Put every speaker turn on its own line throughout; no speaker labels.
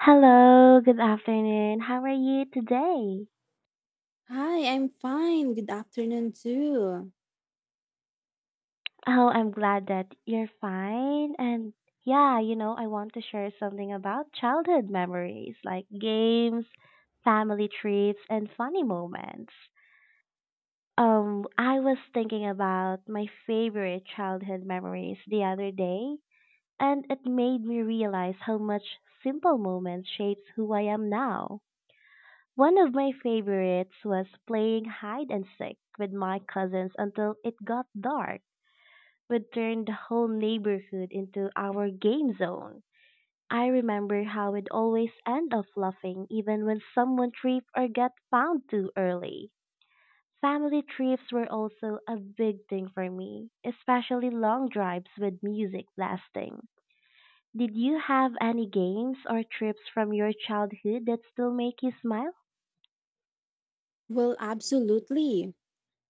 Hello, good afternoon. How are you today?
Hi, I'm fine. Good afternoon, too.
Oh, I'm glad that you're fine. And yeah, I want to share something about childhood memories like games, family trips, and funny moments. I was thinking about my favorite childhood memories the other day, and it made me realize how much simple moments shapes who I am now. One of my favorites was playing hide and seek with my cousins until it got dark. We turned the whole neighborhood into our game zone. I remember how we'd always end up laughing even when someone tripped or got found too early. Family trips were also a big thing for me, especially long drives with music blasting. Did you have any games or trips from your childhood that still make you smile?
Well, absolutely.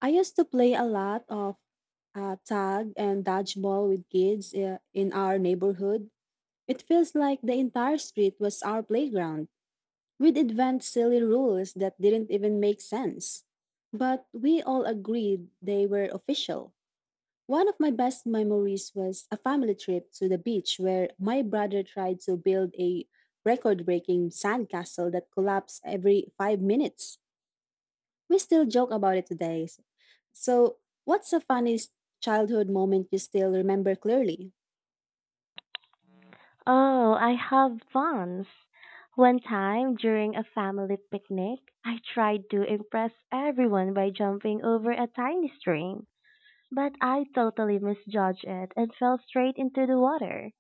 I used to play a lot of tag and dodgeball with kids in our neighborhood. It feels like the entire street was our playground, with advanced silly rules that didn't even make sense. But we all agreed they were official. One of my best memories was a family trip to the beach where my brother tried to build a record breaking sandcastle that collapsed every 5 minutes. We still joke about it today. So, what's the funniest childhood moment you still remember clearly?
Oh, I have once. One time during a family picnic, I tried to impress everyone by jumping over a tiny stream, but I totally misjudged it and fell straight into the water.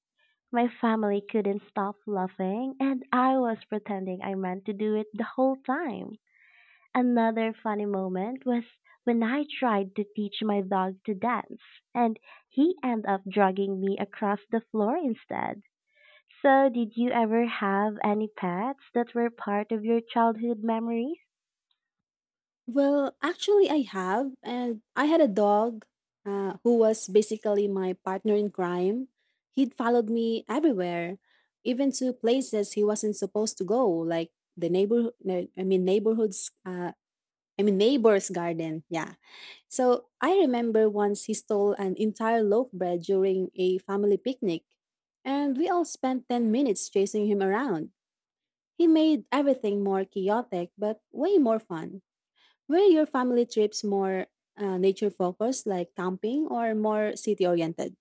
My family couldn't stop laughing, and I was pretending I meant to do it the whole time. Another funny moment was when I tried to teach my dog to dance, and he ended up dragging me across the floor instead. So, did you ever have any pets that were part of your childhood memories?
Well, actually, I have, and I had a dog who was basically my partner in crime. He'd followed me everywhere, even to places he wasn't supposed to go, like the neighbor. No, I mean, neighborhoods. I mean, neighbor's garden. Yeah. So I remember once he stole an entire loaf bread during a family picnic, and we all spent 10 minutes chasing him around. He made everything more chaotic, but way more fun. Were your family trips more nature focused, like camping, or more city oriented?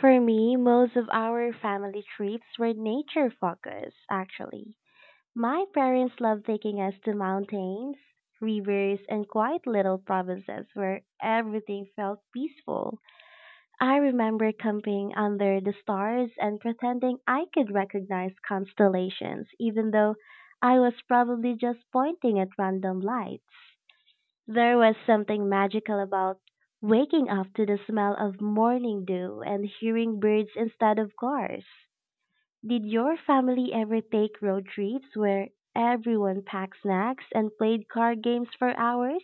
For me, most of our family trips were nature focused, actually. My parents loved taking us to mountains, rivers, and quiet little provinces where everything felt peaceful. I remember camping under the stars and pretending I could recognize constellations, even though I was probably just pointing at random lights. There was something magical about waking up to the smell of morning dew and hearing birds instead of cars. Did your family ever take road trips where everyone packed snacks and played card games for hours?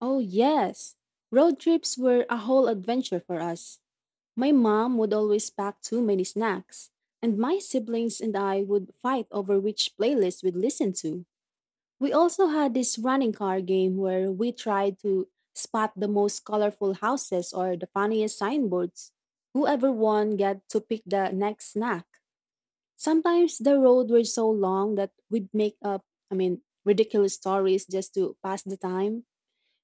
Oh, yes. Road trips were a whole adventure for us. My mom would always pack too many snacks, and my siblings and I would fight over which playlist we'd listen to. We also had this running car game where we tried to spot the most colorful houses or the funniest signboards. Whoever won got to pick the next snack. Sometimes the road were so long that we'd make up, I mean, ridiculous stories just to pass the time.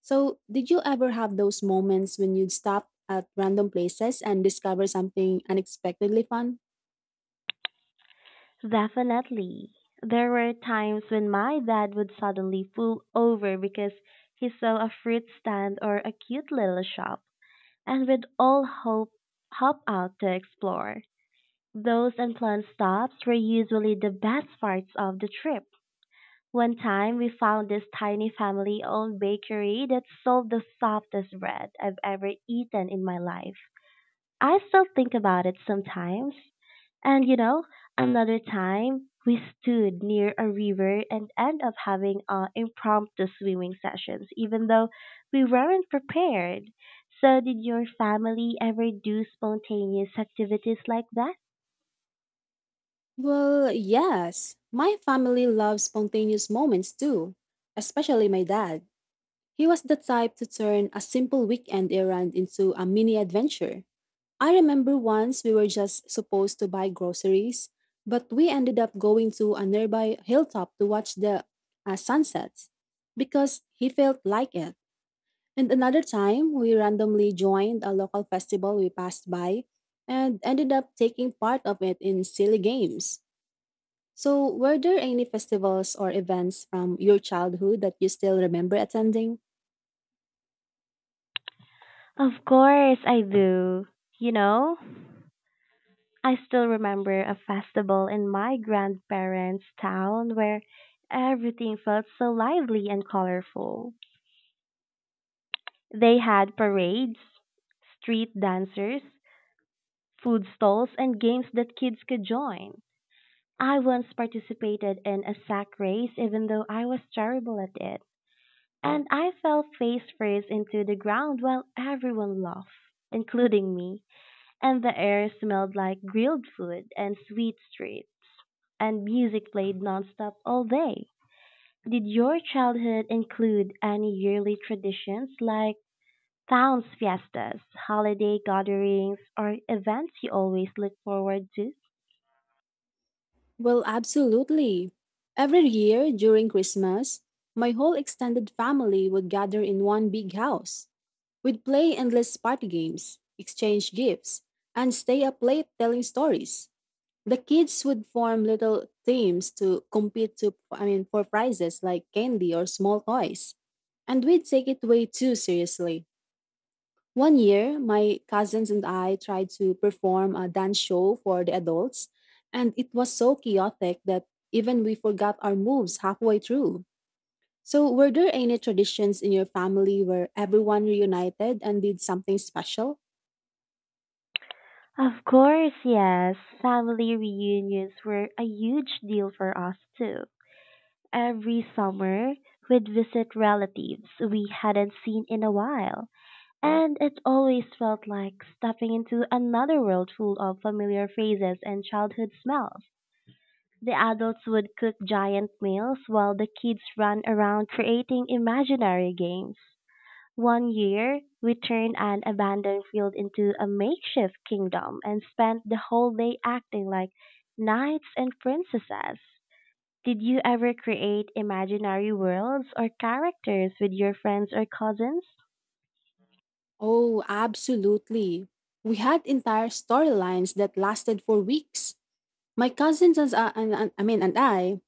So, did you ever have those moments when you'd stop at random places and discover something unexpectedly fun?
Definitely. There were times when my dad would suddenly pull over because he saw a fruit stand or a cute little shop and would all hop out to explore. Those unplanned stops were usually the best parts of the trip. One time we found this tiny family owned bakery that sold the softest bread I've ever eaten in my life. I still think about it sometimes. And you know, another time we stood near a river and ended up having impromptu swimming sessions, even though we weren't prepared. So, did your family ever do spontaneous activities like that?
Well, yes. My family loves spontaneous moments too, especially my dad. He was the type to turn a simple weekend errand into a mini adventure. I remember once we were just supposed to buy groceries, but we ended up going to a nearby hilltop to watch the sunsets because he felt like it. And another time, we randomly joined a local festival we passed by and ended up taking part of it in silly games. So, were there any festivals or events from your childhood that you still remember attending?
Of course I do. You know, I still remember a festival in my grandparents' town where everything felt so lively and colorful. They had parades, street dancers, food stalls, and games that kids could join. I once participated in a sack race even though I was terrible at it, and I fell face first into the ground while everyone laughed, including me. And the air smelled like grilled food and sweet streets, and music played nonstop all day. Did your childhood include any yearly traditions like towns fiestas, holiday gatherings, or events you always look forward to?
Well, absolutely. Every year during Christmas, my whole extended family would gather in one big house. We'd play endless party games, exchange gifts, and stay up late telling stories. The kids would form little teams to compete to, I mean, for prizes like candy or small toys, and we'd take it way too seriously. One year, my cousins and I tried to perform a dance show for the adults, and it was so chaotic that even we forgot our moves halfway through. So, were there any traditions in your family where everyone reunited and did something special?
Of course, yes. Family reunions were a huge deal for us too. Every summer, we'd visit relatives we hadn't seen in a while. And it always felt like stepping into another world full of familiar faces and childhood smells. The adults would cook giant meals while the kids ran around creating imaginary games. One year, we turned an abandoned field into a makeshift kingdom and spent the whole day acting like knights and princesses. Did you ever create imaginary worlds or characters with your friends or cousins?
Oh, absolutely. We had entire storylines that lasted for weeks. My cousins and I mean and I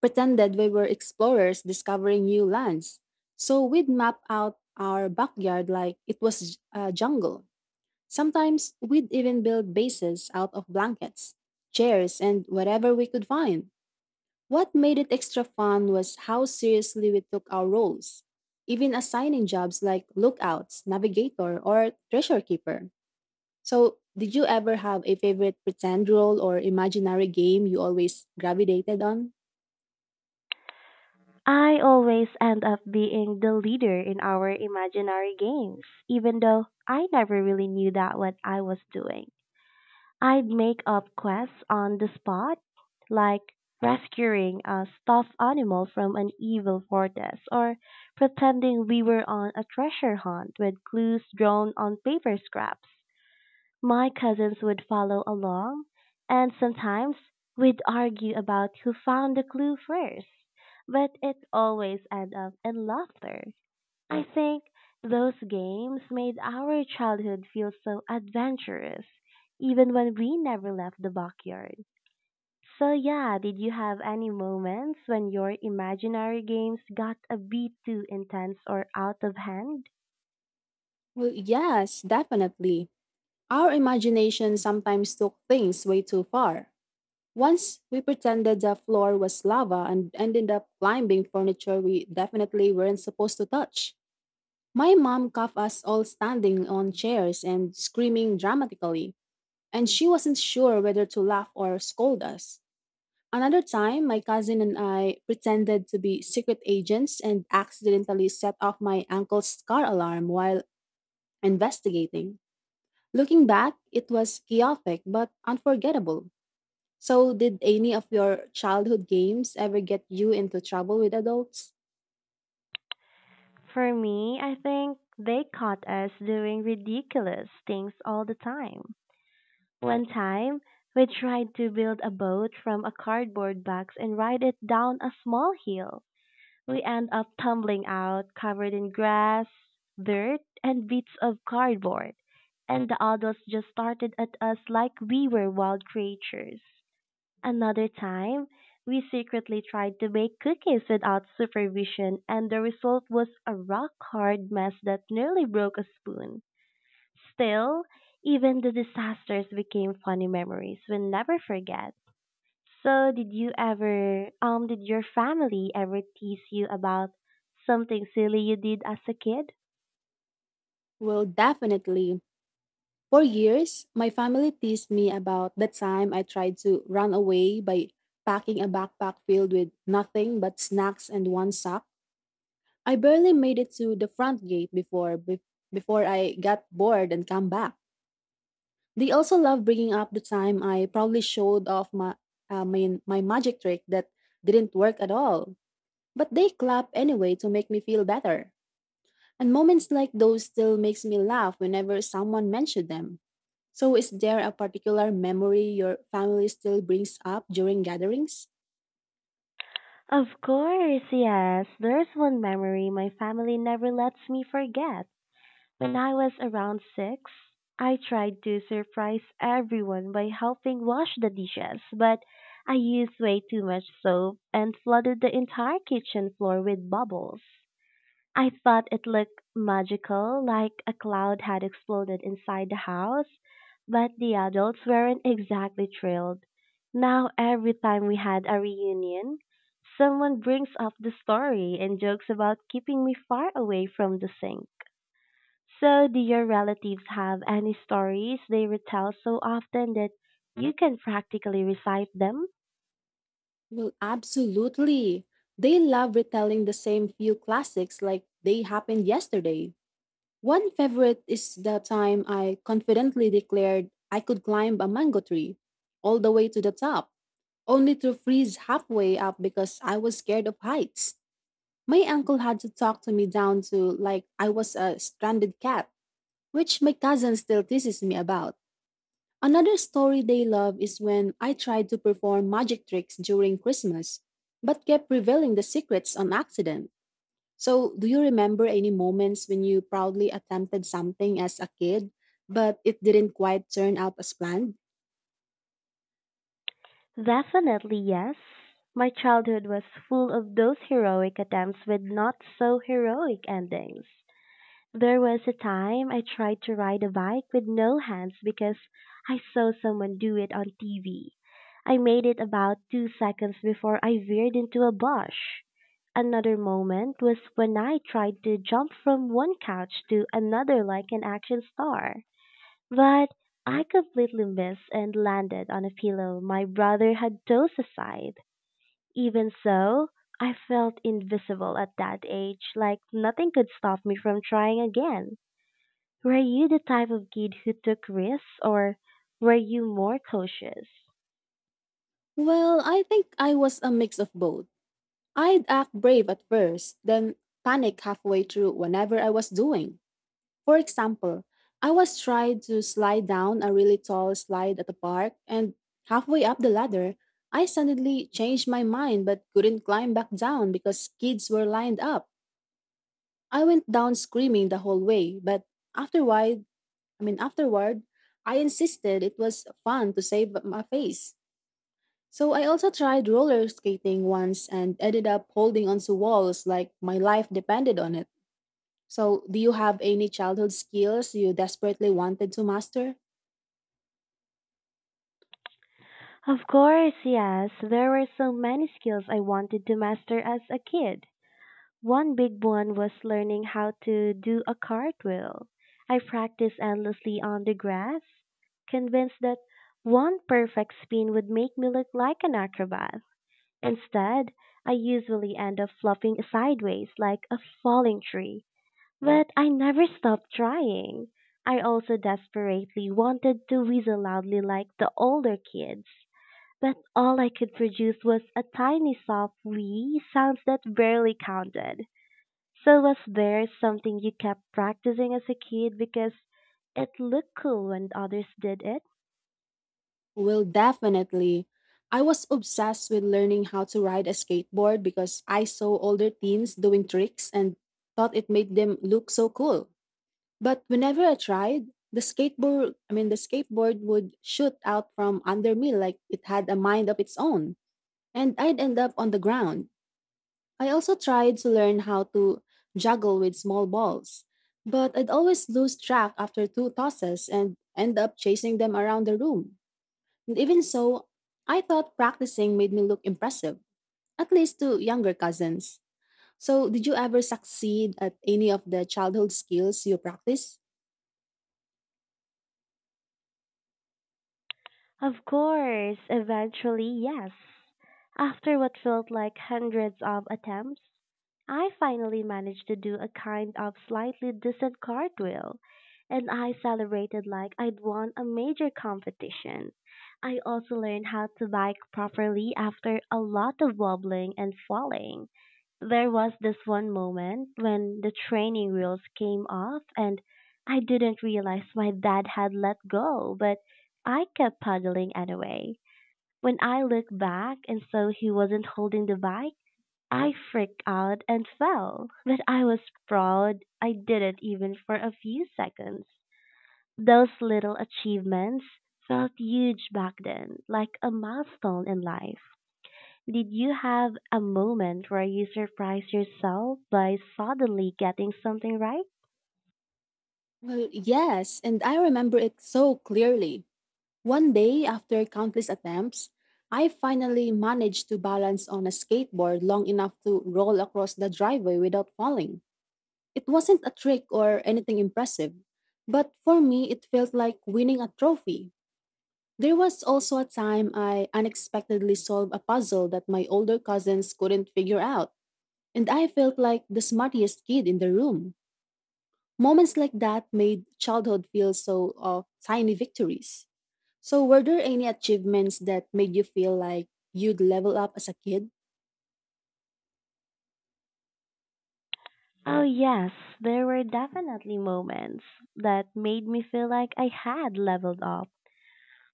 pretended we were explorers discovering new lands. So we'd map out our backyard like it was a jungle. Sometimes we'd even build bases out of blankets, chairs, and whatever we could find. What made it extra fun was how seriously we took our roles, even assigning jobs like lookouts, navigator, or treasure keeper. So, did you ever have a favorite pretend role or imaginary game you always gravitated on?
I always end up being the leader in our imaginary games, even though I never really knew that what I was doing. I'd make up quests on the spot, like rescuing a stuffed animal from an evil fortress or pretending we were on a treasure hunt with clues drawn on paper scraps. My cousins would follow along, and sometimes we'd argue about who found the clue first, but it always ended up in laughter. I think those games made our childhood feel so adventurous, even when we never left the backyard. So, yeah, did you have any moments when your imaginary games got a bit too intense or out of hand?
Well, yes, definitely. Our imagination sometimes took things way too far. Once we pretended the floor was lava and ended up climbing furniture we definitely weren't supposed to touch. My mom caught us all standing on chairs and screaming dramatically, and she wasn't sure whether to laugh or scold us. Another time, my cousin and I pretended to be secret agents and accidentally set off my ankle's car alarm while investigating. Looking back, it was chaotic but unforgettable. So, did any of your childhood games ever get you into trouble with adults?
For me, I think they caught us doing ridiculous things all the time. One time, we tried to build a boat from a cardboard box and ride it down a small hill. We end up tumbling out, covered in grass, dirt, and bits of cardboard. And the adults just started at us like we were wild creatures. Another time, we secretly tried to bake cookies without supervision, and the result was a rock hard mess that nearly broke a spoon. Still, even the disasters became funny memories we'll never forget. So, did your family ever tease you about something silly you did as a kid?
Well, definitely. For years, my family teased me about the time I tried to run away by packing a backpack filled with nothing but snacks and one sock. I barely made it to the front gate before I got bored and come back. They also love bringing up the time I probably showed off my, my magic trick that didn't work at all. But they clap anyway to make me feel better. And moments like those still makes me laugh whenever someone mentioned them. So is there a particular memory your family still brings up during gatherings?
Of course, yes. There's one memory my family never lets me forget. When I was around six, I tried to surprise everyone by helping wash the dishes, but I used way too much soap and flooded the entire kitchen floor with bubbles. I thought it looked magical, like a cloud had exploded inside the house, but the adults weren't exactly thrilled. Now, every time we had a reunion, someone brings up the story and jokes about keeping me far away from the sink. So, do your relatives have any stories they retell so often that you can practically recite them?
Well, absolutely. They love retelling the same few classics like they happened yesterday. One favorite is the time I confidently declared I could climb a mango tree all the way to the top, only to freeze halfway up because I was scared of heights. My uncle had to talk to me down to like I was a stranded cat, which my cousin still teases me about. Another story they love is when I tried to perform magic tricks during Christmas, but kept revealing the secrets on accident. So, do you remember any moments when you proudly attempted something as a kid, but it didn't quite turn out as planned?
Definitely yes. My childhood was full of those heroic attempts with not so heroic endings. There was a time I tried to ride a bike with no hands because I saw someone do it on TV. I made it about 2 seconds before I veered into a bush. Another moment was when I tried to jump from one couch to another like an action star. But I completely missed and landed on a pillow my brother had tossed aside. Even so, I felt invisible at that age, like nothing could stop me from trying again. Were you the type of kid who took risks or were you more cautious?
Well, I think I was a mix of both. I'd act brave at first, then panic halfway through whenever I was doing. For example, I was trying to slide down a really tall slide at the park, and halfway up the ladder, I suddenly changed my mind but couldn't climb back down because kids were lined up. I went down screaming the whole way, but afterward, I mean afterward, I insisted it was fun to save my face. So I also tried roller skating once and ended up holding onto walls like my life depended on it. So, do you have any childhood skills you desperately wanted to master?
Of course, yes, there were so many skills I wanted to master as a kid. One big one was learning how to do a cartwheel. I practiced endlessly on the grass, convinced that one perfect spin would make me look like an acrobat. Instead, I usually end up flopping sideways like a falling tree. But I never stopped trying. I also desperately wanted to whistle loudly like the older kids, but all I could produce was a tiny soft wee sounds that barely counted. So was there something you kept practicing as a kid because it looked cool when others did it?
Well, definitely. I was obsessed with learning how to ride a skateboard because I saw older teens doing tricks and thought it made them look so cool. But whenever I tried, the skateboard would shoot out from under me like it had a mind of its own, and I'd end up on the ground. I also tried to learn how to juggle with small balls, but I'd always lose track after two tosses and end up chasing them around the room. And even so, I thought practicing made me look impressive, at least to younger cousins. So, did you ever succeed at any of the childhood skills you practice?
Of course, eventually, yes. After what felt like hundreds of attempts, I finally managed to do a kind of slightly decent cartwheel, and I celebrated like I'd won a major competition. I also learned how to bike properly after a lot of wobbling and falling. There was this one moment when the training wheels came off and I didn't realize my dad had let go, but I kept paddling anyway. When I looked back and saw he wasn't holding the bike, I freaked out and fell. But I was proud I did it even for a few seconds. Those little achievements felt huge back then, like a milestone in life. Did you have a moment where you surprised yourself by suddenly getting something right?
Well, yes, and I remember it so clearly. One day, after countless attempts, I finally managed to balance on a skateboard long enough to roll across the driveway without falling. It wasn't a trick or anything impressive, but for me, it felt like winning a trophy. There was also a time I unexpectedly solved a puzzle that my older cousins couldn't figure out, and I felt like the smartest kid in the room. Moments like that made childhood feel so tiny victories. So, were there any achievements that made you feel like you'd level up as a kid?
Oh, yes, there were definitely moments that made me feel like I had leveled up.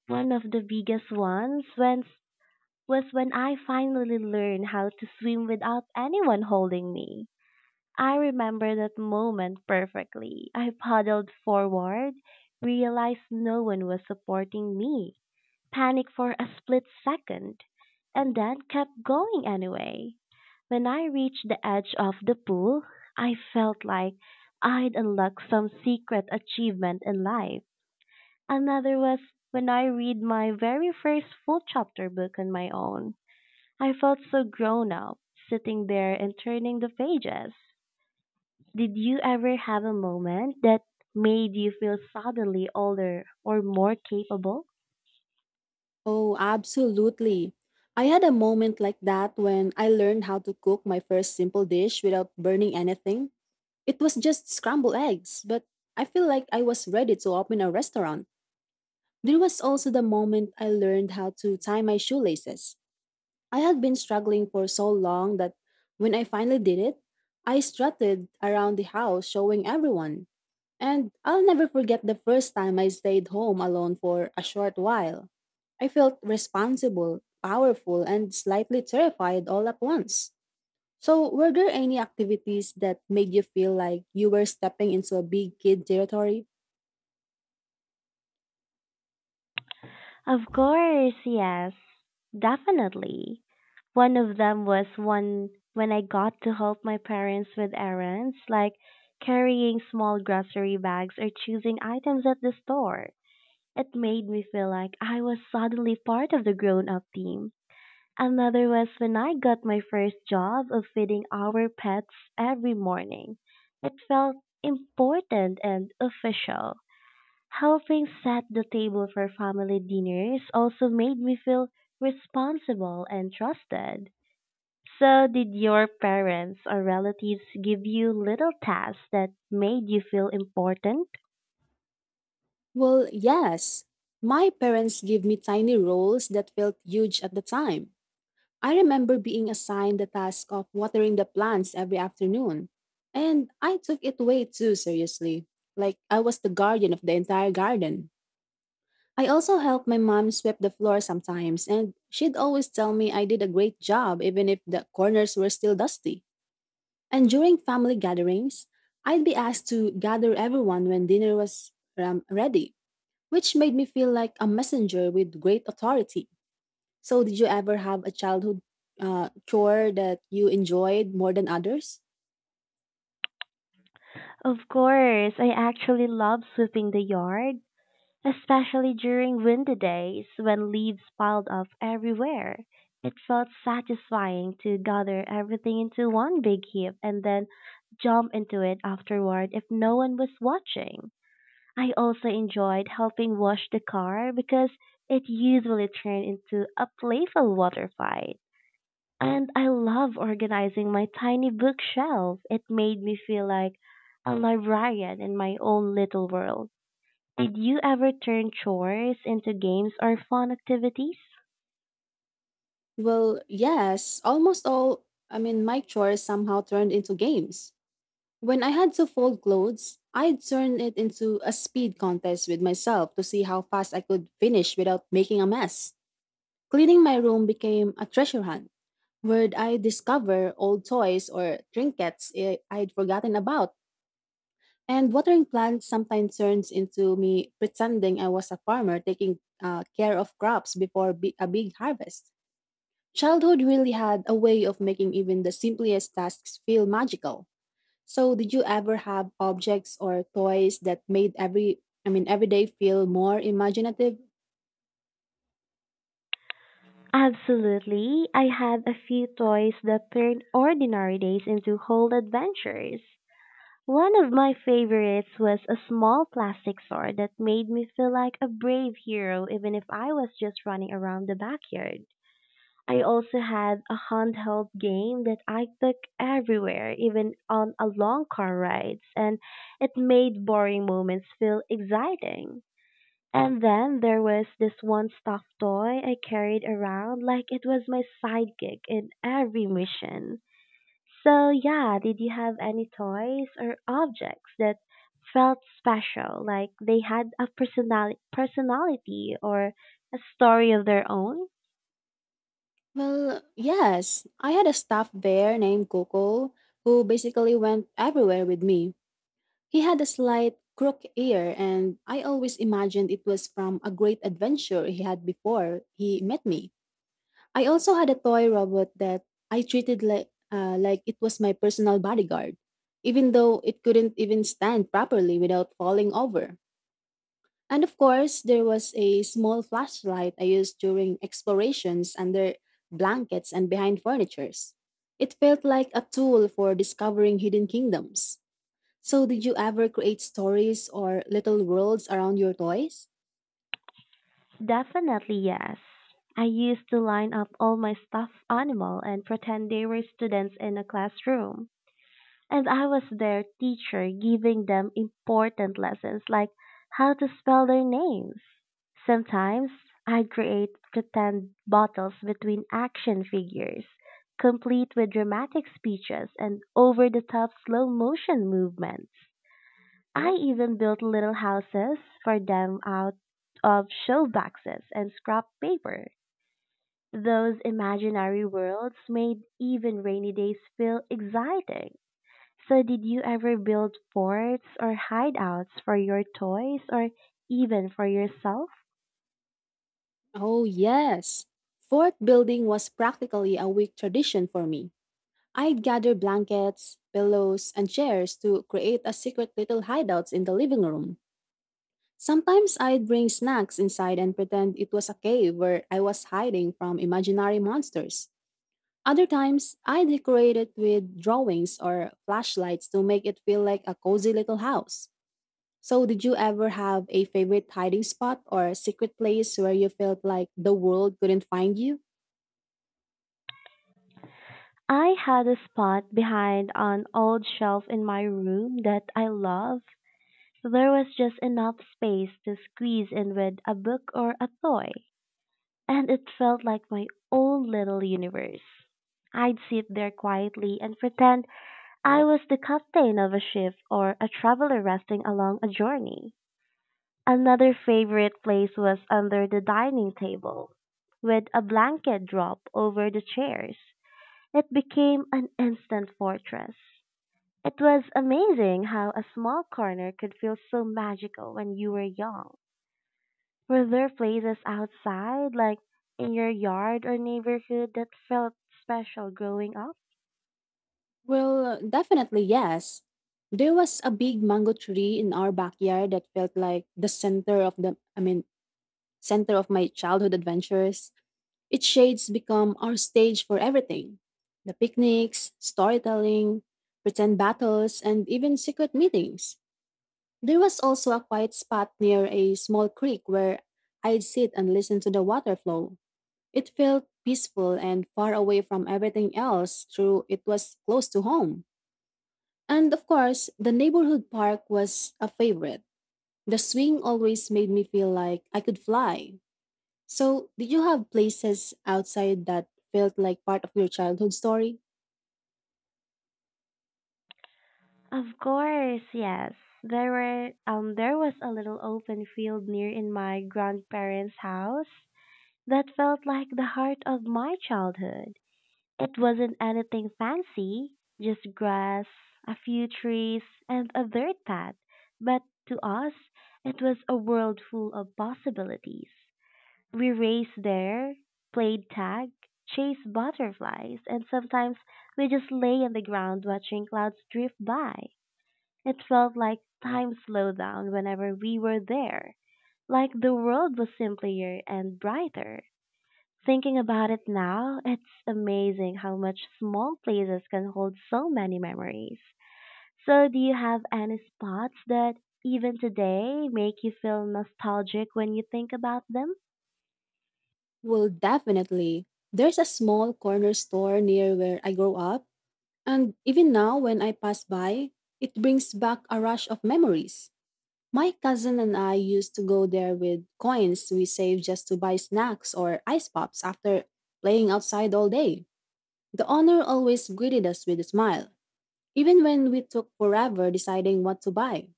One of the biggest ones when, was when I finally learned how to swim without anyone holding me. I remember that moment perfectly. I paddled forward, realized no one was supporting me, panicked for a split second, and then kept going anyway. When I reached the edge of the pool, I felt like I'd unlocked some secret achievement in life. Another was when I read my very first full chapter book on my own. I felt so grown up sitting there and turning the pages. Did you ever have a moment that made you feel suddenly older or more capable?
Oh, absolutely. I had a moment like that when I learned how to cook my first simple dish without burning anything. It was just scrambled eggs, but I feel like I was ready to open a restaurant. There was also the moment I learned how to tie my shoelaces. I had been struggling for so long that when I finally did it, I strutted around the house showing everyone. And I'll never forget the first time I stayed home alone for a short while. I felt responsible, powerful, and slightly terrified all at once. So, were there any activities that made you feel like you were stepping into a big kid territory?
Of course, yes, definitely. One of them was one when I got to help my parents with errands like carrying small grocery bags or choosing items at the store. It made me feel like I was suddenly part of the grown up team. Another was when I got my first job of feeding our pets every morning. It felt important and official. Helping set the table for family dinners also made me feel responsible and trusted. So, did your parents or relatives give you little tasks that made you feel important?
Well, yes. My parents gave me tiny roles that felt huge at the time. I remember being assigned the task of watering the plants every afternoon, and I took it way too seriously, like I was the guardian of the entire garden. I also helped my mom sweep the floor sometimes, and she'd always tell me I did a great job even if the corners were still dusty. And during family gatherings, I'd be asked to gather everyone when dinner was ready, which made me feel like a messenger with great authority. So, did you ever have a childhood chore that you enjoyed more than others?
Of course, I actually love sweeping the yard especially during windy days when leaves piled up everywhere. It felt satisfying to gather everything into one big heap and then jump into it afterward if no one was watching. I also enjoyed helping wash the car because it usually turned into a playful water fight. And I love organizing my tiny bookshelf. It made me feel like a librarian in my own little world. Did you ever turn chores into games or fun activities?
Well, yes, almost all. I mean, my chores somehow turned into games. When I had to fold clothes, I'd turn it into a speed contest with myself to see how fast I could finish without making a mess. Cleaning my room became a treasure hunt where I discover old toys or trinkets I'd forgotten about. And watering plants sometimes turns into me pretending I was a farmer taking care of crops before a big harvest. Childhood really had a way of making even the simplest tasks feel magical. So, did you ever have objects or toys that made every day feel more imaginative?
Absolutely. I had a few toys that turned ordinary days into whole adventures. One of my favorites was a small plastic sword that made me feel like a brave hero even if I was just running around the backyard. I also had a handheld game that I took everywhere, even on a long car rides, and it made boring moments feel exciting. And then there was this one stuffed toy I carried around like it was my sidekick in every mission. So, yeah, did you have any toys or objects that felt special, like they had a personality or a story of their own?
Well, yes. I had a stuffed bear named Coco who basically went everywhere with me. He had a slight crook ear, and I always imagined it was from a great adventure he had before he met me. I also had a toy robot that I treated like it was my personal bodyguard, even though it couldn't even stand properly without falling over. And of course, there was a small flashlight I used during explorations under blankets and behind furnitures. It felt like a tool for discovering hidden kingdoms. So, did you ever create stories or little worlds around your toys?
Definitely yes. I used to line up all my stuffed animal and pretend they were students in a classroom. And I was their teacher giving them important lessons like how to spell their names. Sometimes I'd create pretend battles between action figures, complete with dramatic speeches and over the top slow motion movements. I even built little houses for them out of show boxes and scrap paper. Those imaginary worlds made even rainy days feel exciting. So, did you ever build forts or hideouts for your toys or even for yourself?
Oh, yes. Fort building was practically a week tradition for me. I'd gather blankets, pillows, and chairs to create a secret little hideouts in the living room. Sometimes I'd bring snacks inside and pretend it was a cave where I was hiding from imaginary monsters. Other times, I decorated with drawings or flashlights to make it feel like a cozy little house. So, did you ever have a favorite hiding spot or secret place where you felt like the world couldn't find you?
I had a spot behind an old shelf in my room that I love. There was just enough space to squeeze in with a book or a toy, and it felt like my own little universe. I'd sit there quietly and pretend I was the captain of a ship or a traveler resting along a journey. Another favorite place was under the dining table, with a blanket draped over the chairs. It became an instant fortress. It was amazing how a small corner could feel so magical when you were young. Were there places outside, like in your yard or neighborhood, that felt special growing up?
Well, definitely yes. There was a big mango tree in our backyard that felt like the center of the I mean, center of my childhood adventures. Its shades become our stage for everything. The picnics, storytelling, pretend battles, and even secret meetings. There was also a quiet spot near a small creek where I'd sit and listen to the water flow. It felt peaceful and far away from everything else, though it was close to home. And of course, the neighborhood park was a favorite. The swing always made me feel like I could fly. So, did you have places outside that felt like part of your childhood story?
Of course, yes. There was a little open field near in my grandparents' house that felt like the heart of my childhood. It wasn't anything fancy, just grass, a few trees, and a dirt path. But to us, it was a world full of possibilities. We raced there, played tag, chased butterflies, and sometimes we just lay on the ground watching clouds drift by. It felt like time slowed down whenever we were there, like the world was simpler and brighter. Thinking about it now, it's amazing how much small places can hold so many memories. So, do you have any spots that even today make you feel nostalgic when you think about them?
Well, definitely. There's a small corner store near where I grew up, and even now when I pass by, it brings back a rush of memories. My cousin and I used to go there with coins we saved just to buy snacks or ice pops after playing outside all day. The owner always greeted us with a smile, even when we took forever deciding what to buy.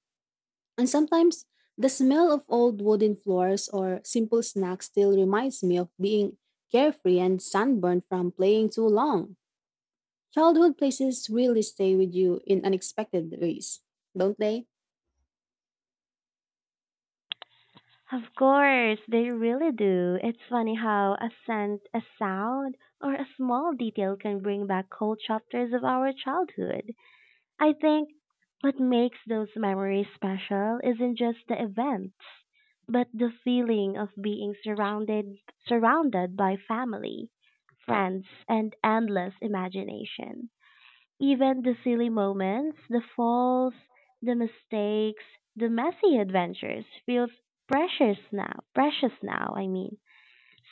And sometimes the smell of old wooden floors or simple snacks still reminds me of being carefree and sunburned from playing too long. Childhood places really stay with you in unexpected ways, don't they?
Of course, they really do. It's funny how a scent, a sound, or a small detail can bring back whole chapters of our childhood. I think what makes those memories special isn't just the events, but the feeling of being surrounded by family, friends, and endless imagination. Even the silly moments, the falls, the mistakes, the messy adventures feels precious now. Precious now, I mean.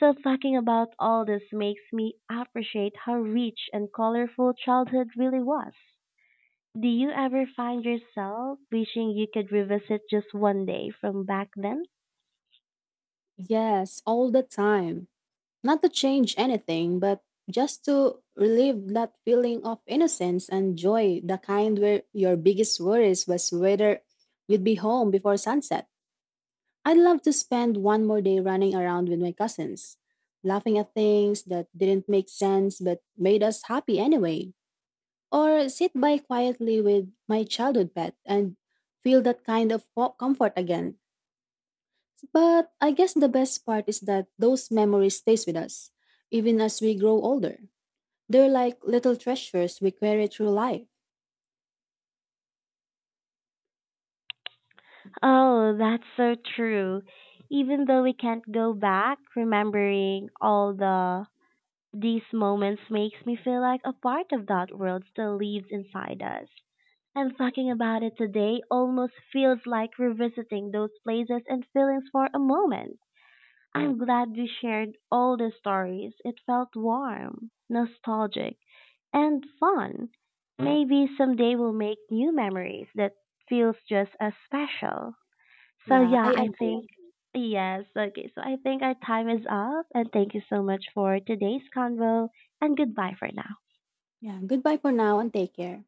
So talking about all this makes me appreciate how rich and colorful childhood really was. Do you ever find yourself wishing you could revisit just one day from back then?
Yes, all the time. Not to change anything, but just to relieve that feeling of innocence and joy, the kind where your biggest worries was whether you'd be home before sunset. I'd love to spend one more day running around with my cousins, laughing at things that didn't make sense but made us happy anyway. Or sit by quietly with my childhood pet and feel that kind of comfort again. But I guess the best part is that those memories stays with us even as we grow older. They're like little treasures we carry through life.
Oh, that's so true. Even though we can't go back, remembering all these moments makes me feel like a part of that world still lives inside us. And talking about it today almost feels like revisiting those places and feelings for a moment. I'm glad we shared all the stories. It felt warm, nostalgic, and fun. Maybe someday we'll make new memories that feels just as special. So,
Yeah,
yeah,
I
I
agree.
think yes. Okay, so I think our time is up, and thank you so much for today's convo and goodbye for now.
Yeah, goodbye for now and take care.